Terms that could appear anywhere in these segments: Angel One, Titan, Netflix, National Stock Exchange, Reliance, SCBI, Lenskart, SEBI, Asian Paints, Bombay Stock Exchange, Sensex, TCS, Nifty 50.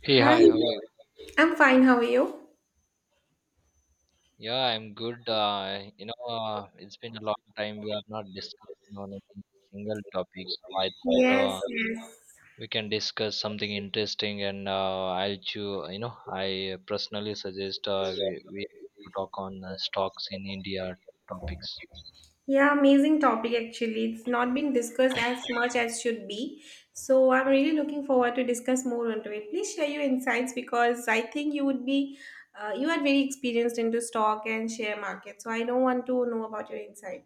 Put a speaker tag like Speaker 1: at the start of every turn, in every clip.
Speaker 1: Hey,
Speaker 2: Hi,
Speaker 1: hi, how are you?
Speaker 2: I'm fine. How are you?
Speaker 1: Yeah, I'm good. It's been a long time we are not discussing on any single topic, so I
Speaker 2: Yes,
Speaker 1: thought
Speaker 2: yes.
Speaker 1: we can discuss something interesting. And I'll choose, I personally suggest we to talk on stocks in India topics.
Speaker 2: Yeah, amazing topic actually. It's not been discussed as much as should be. So I'm really looking forward to discuss more onto it. Please share your insights because I think you would be you are very experienced into stock and share market. So I don't want to know about your insight.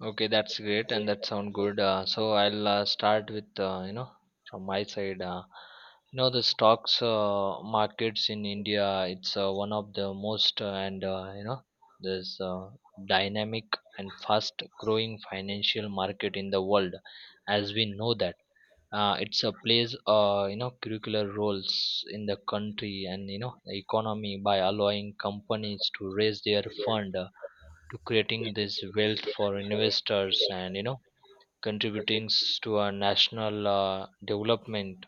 Speaker 1: Okay, that's great, and that sound good. So I'll start with from my side. The stocks markets in India. It's one of the most and you know this dynamic and fast growing financial market in the world, as we know that. It's a plays curricular roles in the country and you know the economy by allowing companies to raise their fund. To creating this wealth for investors and you know contributing to our national development.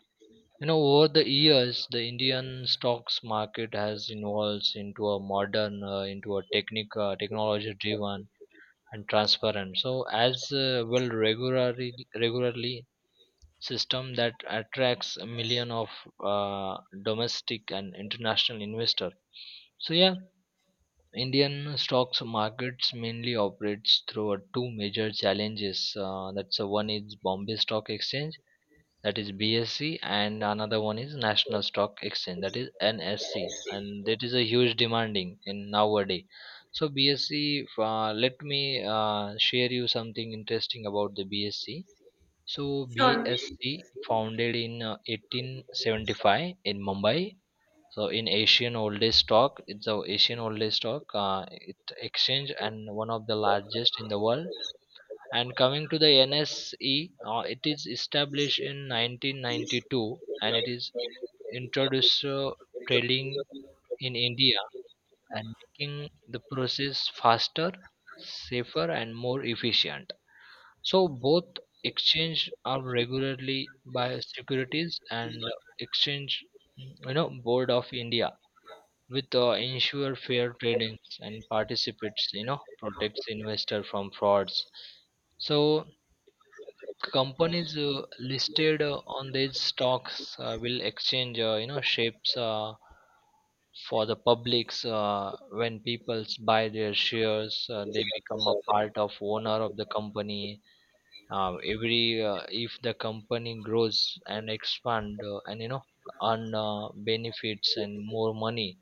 Speaker 1: You know, over the years the indian stocks market has evolved into a modern, into a technic technology driven and transparent, so as well regularly system that attracts a million of uh, domestic and international investor. So yeah, Indian stocks markets mainly operates through two major challenges. That's One is Bombay Stock Exchange, that is BSE, and another one is National Stock Exchange, that is NSC, and that is a huge demanding in nowadays. So BSE, let me share you something interesting about the BSE. So
Speaker 2: Sure.
Speaker 1: BSE founded in 1875 in Mumbai, so in Asian Old Age stock, it's a Asian Old Age stock. It exchange and one of the largest in the world. And coming to the NSE, it is established in 1992 and it is introduced trading in India and making the process faster, safer, and more efficient. So both exchange are regularly by securities and exchange, you know, board of india with ensure fair trading and participates, you know, protects investor from frauds. So companies listed on these stocks will exchange shapes for the publics. When people buy their shares they become a part of owner of the company. Every If the company grows and expand and you know earn benefits and more money,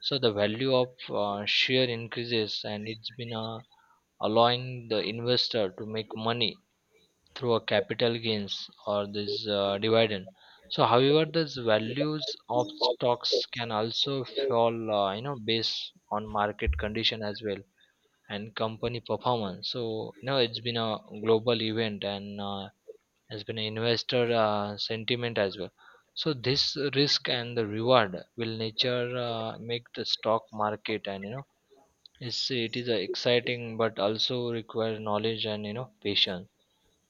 Speaker 1: so the value of share increases and it's been allowing the investor to make money through a capital gains or this dividend. So however these values of stocks can also fall, you know, based on market condition as well and company performance. So you know it's been a global event and has been investor sentiment as well. So this risk and the reward will nature make the stock market, and you know it's, it is exciting but also requires knowledge and you know patience.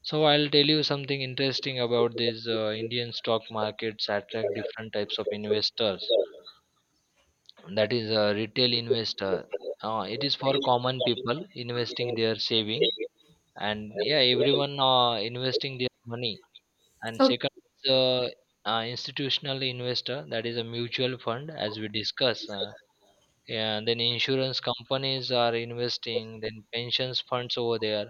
Speaker 1: So I'll tell you something interesting about this indian stock markets attract different types of investors. That is a retail investor, it is for common people investing their saving, and yeah everyone investing their money. And second
Speaker 2: Okay.
Speaker 1: is institutional investor, that is a mutual fund as we discuss, and then insurance companies are investing, then pensions funds over there.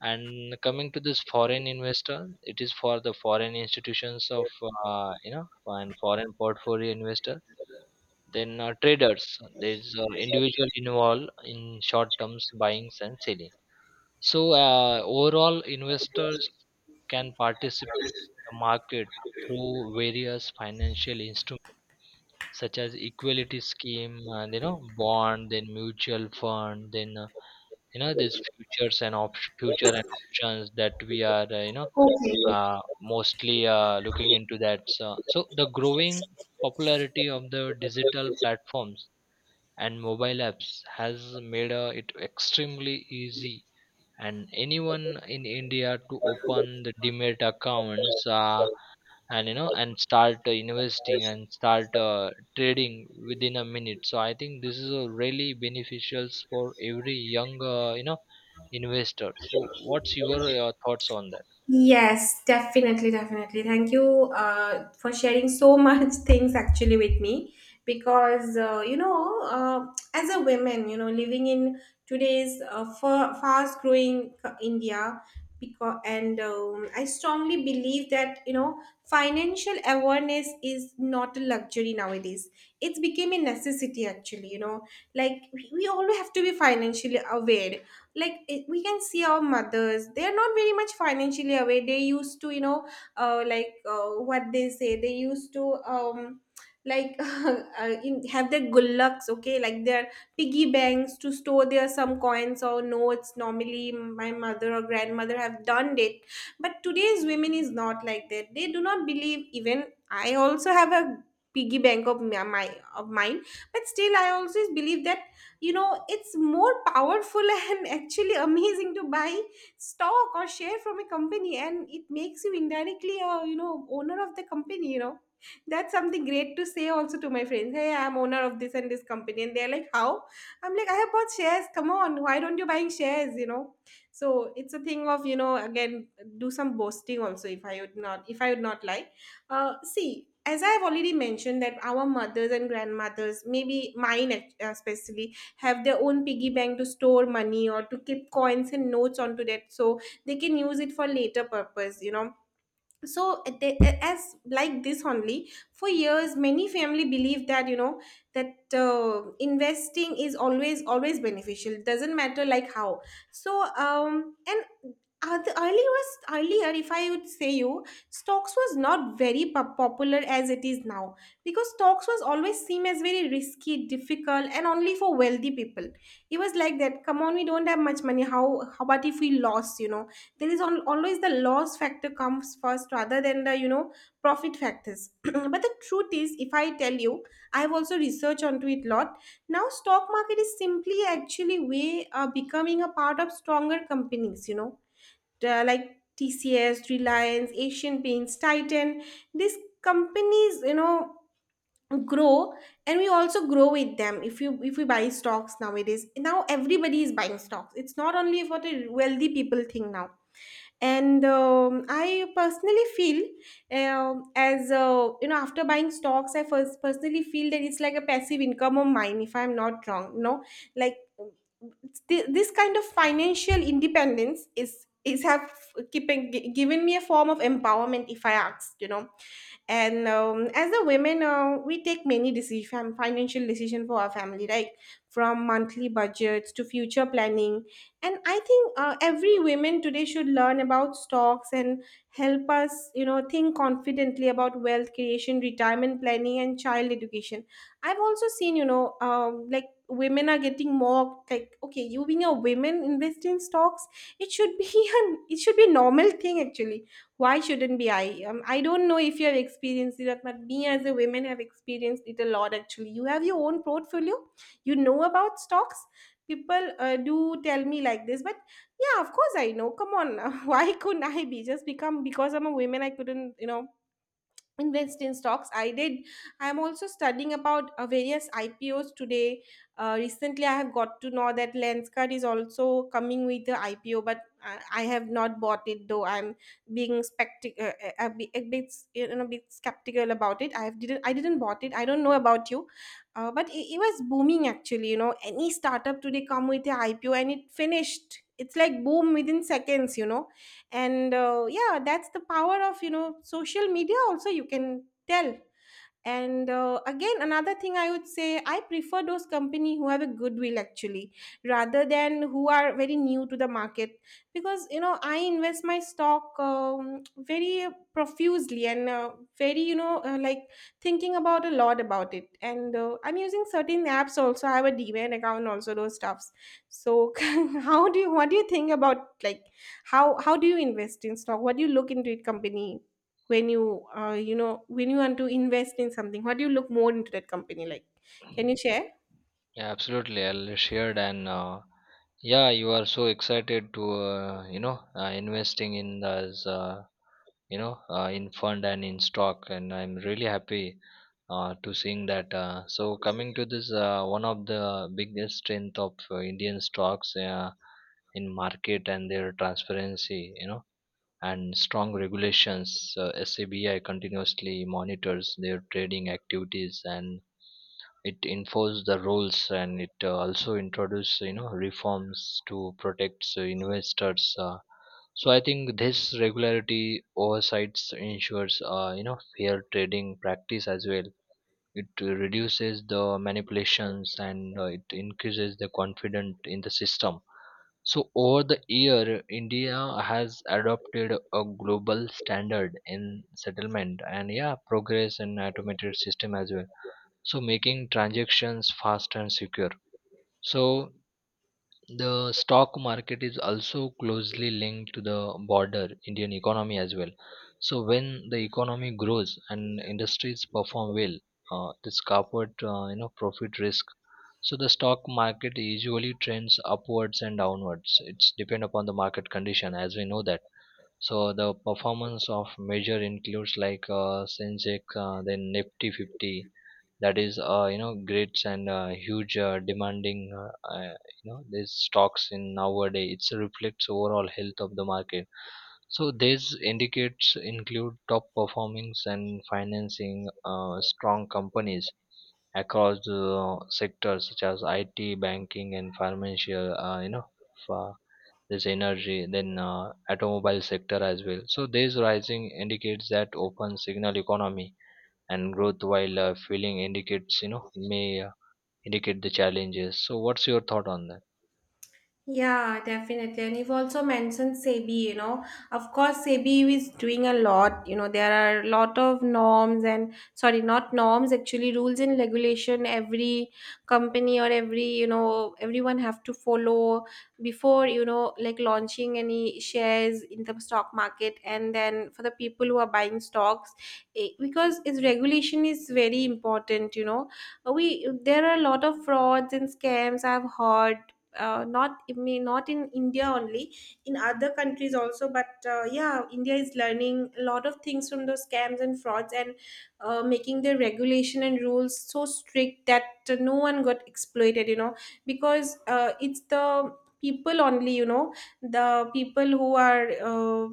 Speaker 1: And coming to this foreign investor, it is for the foreign institutions of and foreign portfolio investor. Then traders, there's individual involved in short terms buyings and selling. So overall, investors can participate in the market through various financial instruments such as equality scheme and you know bond, then mutual fund, then these futures and future and options that we are
Speaker 2: Okay.
Speaker 1: mostly looking into that. So the growing popularity of the digital platforms and mobile apps has made it extremely easy and anyone in India to open the demat accounts, and you know and start investing and start trading within a minute. So I think this is a really beneficial for every young investor. So what's your thoughts on that?
Speaker 2: Yes, definitely. Thank you for sharing so much things actually with me because as a woman, living in today's fast-growing India, because and I strongly believe that, you know, financial awareness is not a luxury nowadays. It's became a necessity actually. You know, like we all have to be financially aware like it, we can see our mothers, they're not very much financially aware. They used to, you know, what they say, they used to, like, have their gullaks, okay, like their piggy banks, to store their some coins or notes. Normally my mother or grandmother have done it, but today's women is not like that, they do not believe. Even I also have a piggy bank of of mine, but still I also believe that, you know, it's more powerful and actually amazing to buy stock or share from a company, and it makes you indirectly a, you know, owner of the company. You know, that's something great to say also to my friends, hey, I'm owner of this and this company, and they're like, how? I'm like, I have bought shares, come on, why don't you buying shares, you know? So it's a thing of, you know, again, do some boasting also, if I would not lie. See, as I have already mentioned that our mothers and grandmothers, maybe mine, especially, have their own piggy bank to store money or to keep coins and notes onto that, so they can use it for later purpose, you know. So as like this only for years, many family believe that, you know, that investing is always always beneficial. It doesn't matter like how. So and the earlier was earlier, if I would say, you, stocks was not very popular as it is now, because stocks was always seen as very risky, difficult, and only for wealthy people. It was like that, come on, we don't have much money, how about if we lost, you know? There is always the loss factor comes first rather than the, you know, profit factors. But the truth is, if I tell you, I have also researched onto it lot. Now stock market is simply actually way, becoming a part of stronger companies, you know, like TCS, Reliance, Asian Paints, Titan. These companies, you know, grow, and we also grow with them. If you if we buy stocks nowadays, now everybody is buying stocks, it's not only for the wealthy people thing now. And I personally feel, as, you know, after buying stocks, I first personally feel that it's like a passive income of mine, if I'm not wrong, you know. Like this kind of financial independence is have keeping given me a form of empowerment, if I ask, you know. And as a women, we take many decision, financial decision for our family, right, from monthly budgets to future planning. And I think every women today should learn about stocks and help us, you know, think confidently about wealth creation, retirement planning, and child education. I've also seen, you know, like women are getting mocked like, okay, you being a woman invest in stocks. It should be an it should be a normal thing actually. Why shouldn't be? I I don't know if you have experienced it, but me as a woman have experienced it a lot. Actually, you have your own portfolio, you know, about stocks? People do tell me like this, but yeah, of course I know, come on. Why couldn't I be, just become because I'm a woman I couldn't, you know, invest in stocks? I did. I'm also studying about various IPOs today. Recently I have got to know that Lenskart is also coming with the IPO, but I have not bought it, though I'm being a bit, you know, a bit skeptical about it. I have didn't I didn't bought it, I don't know about you. But it was booming actually, you know, any startup today come with a IPO and it finished, it's like boom within seconds, you know. And yeah, that's the power of, you know, social media also, you can tell. And again, another thing I would say, I prefer those company who have a goodwill actually rather than who are very new to the market. Because, you know, I invest my stock very profusely and very, you know, like thinking about a lot about it. And I'm using certain apps also, I have a demat account also, those stuffs. So how do you what do you think about like, how do you invest in stock? What do you look into it company when you, you know, when you want to invest in something, what do you look more into that company, like, can you share?
Speaker 1: Yeah, absolutely. I'll share, and yeah, you are so excited to investing in this in fund and in stock, and I'm really happy to seeing that. So coming to this, one of the biggest strength of Indian stocks in market and their transparency, you know, and strong regulations. SCBI continuously monitors their trading activities and it enforces the rules, and it also introduces you know reforms to protect investors. So I think this regularity oversights ensures you know fair trading practice as well. It reduces the manipulations and it increases the confidence in the system. So over the year, India has adopted a global standard in settlement and yeah, progress in automated system as well. So making transactions fast and secure. So the stock market is also closely linked to the broader Indian economy as well. So when the economy grows and industries perform well, this corporate profit risk. So the stock market usually trends upwards and downwards. It's depend upon the market condition, as we know that. So the performance of measure includes like Sensex, then Nifty 50, that is grids and huge demanding these stocks in nowadays. It reflects overall health of the market. So these indicates include top performings and financing strong companies across the sectors such as IT, banking, and financial. F- this energy, then automobile sector as well. So this rising indicates that open signal economy and growth, while feeling indicates you know may indicate the challenges. So what's your thought on that?
Speaker 2: Yeah, definitely. And you've also mentioned SEBI, you know. Of course, SEBI is doing a lot. You know, there are a lot of norms and, sorry, not norms, actually rules and regulation every company or every, you know, everyone have to follow before, you know, like launching any shares in the stock market. And then for the people who are buying stocks, eh, because its regulation is very important, you know. We, there are a lot of frauds and scams I've heard, not I mean, not in India only, in other countries also. But yeah, India is learning a lot of things from those scams and frauds and making their regulation and rules so strict that no one got exploited. You know, because it's the people only. You know, the people who are.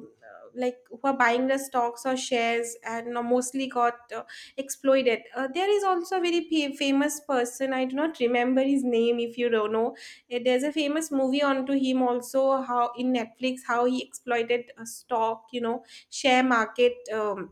Speaker 2: Like who are buying the stocks or shares and mostly got exploited. There is also a very famous person. I do not remember his name. If you don't know, eh, there's a famous movie onto him also, how in Netflix, how he exploited stock, you know, share market.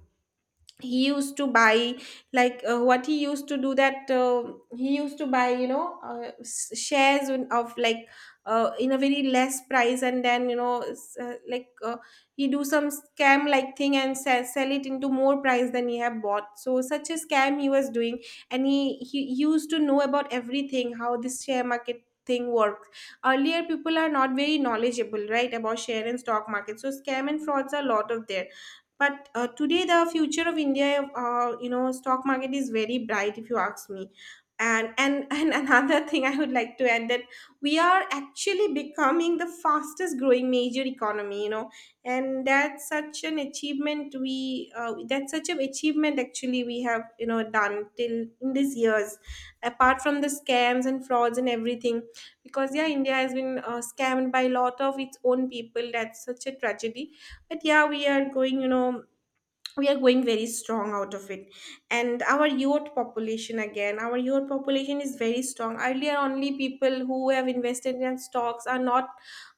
Speaker 2: He used to buy like, what he used to do, that he used to buy, you know, shares of like, in a very less price, and then, you know, like, he do some scam like thing and sell it into more price than he have bought. So such a scam he was doing, and he used to know about everything, how this share market thing works. Earlier people are not very knowledgeable, right, about share and stock market, so scam and frauds are a lot of there. But today the future of India, you know, stock market is very bright if you ask me. And and another thing I would like to add, that we are actually becoming the fastest growing major economy, you know. And that's such an achievement we That's such an achievement actually we have, you know, done till in these years, apart from the scams and frauds and everything. Because yeah, India has been scammed by a lot of its own people, that's such a tragedy. But yeah, we are going very strong out of it. And our youth population again, our youth population is very strong. Earlier only people who have invested in stocks are not,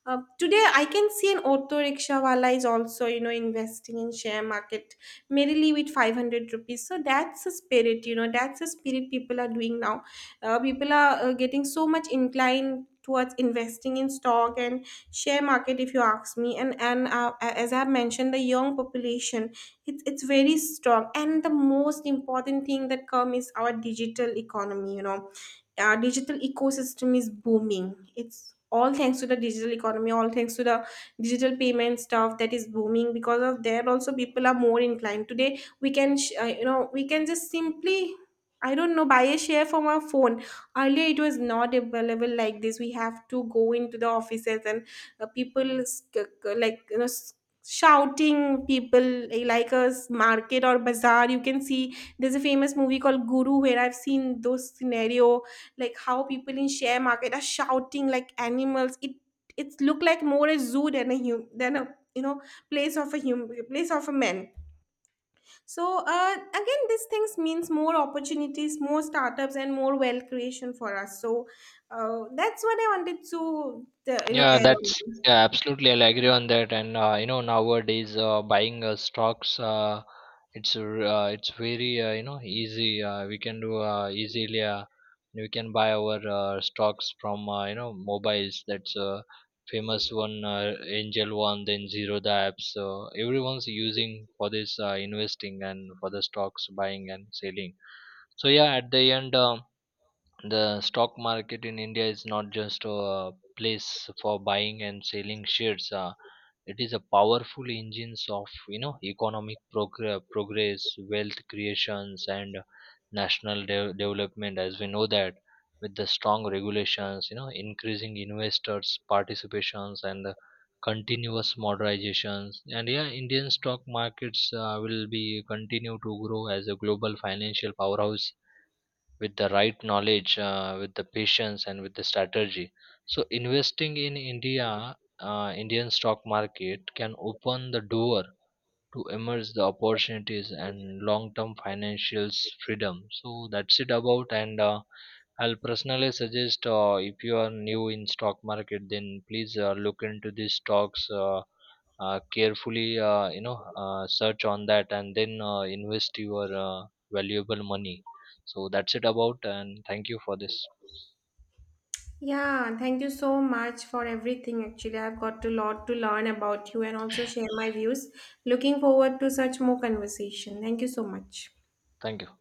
Speaker 2: today I can see an auto rickshaw wala is also, you know, investing in share market merely with 500 rupees. So that's a spirit, you know, that's a spirit people are doing now. People are getting so much inclined towards investing in stock and share market if you ask me. And As I have mentioned, the young population, it's very strong. And the most important thing that come is our digital economy, you know. Our digital ecosystem is booming, it's all thanks to the digital economy, all thanks to the digital payment stuff that is booming, because of there also people are more inclined today. We can you know, we can just simply, I don't know, buy a share from our phone. Earlier it was not available like this, we have to go into the offices and, people like, you know, shouting people, like a market or bazaar. You can see, there's a famous movie called Guru, where I've seen those scenario, like how people in share market are shouting like animals. It it's look like more a zoo than a hum than a, you know, place of a human, place of a man. So again, these things means more opportunities, more startups, and more wealth creation for us. So that's what I wanted to you know,
Speaker 1: Yeah,
Speaker 2: add on.
Speaker 1: that's yeah, absolutely. I'll agree on that. And, nowadays buying stocks, it's very easy. We can do easily. We can buy our stocks from mobiles. That's a famous one, Angel One, then Zero the apps. So everyone's using for this investing and for the stocks buying and selling. So yeah, at the end. The stock market in India is not just a place for buying and selling shares. It is a powerful engines of you know economic progress, wealth creations, and national development. As we know that, with the strong regulations, you know, increasing investors' participations and the continuous modernizations, and yeah, Indian stock markets will be continue to grow as a global financial powerhouse with the right knowledge, with the patience, and with the strategy. So investing in India, Indian stock market can open the door to emerge the opportunities and long-term financial freedom. So that's it about, and I'll personally suggest if you are new in stock market then please look into these stocks carefully, search on that and then invest your valuable money. So that's it about, and thank you for this.
Speaker 2: Yeah, thank you so much for everything. Actually, I've got a lot to learn about you and also share my views. Looking forward to such more conversation. Thank you so much.
Speaker 1: Thank you.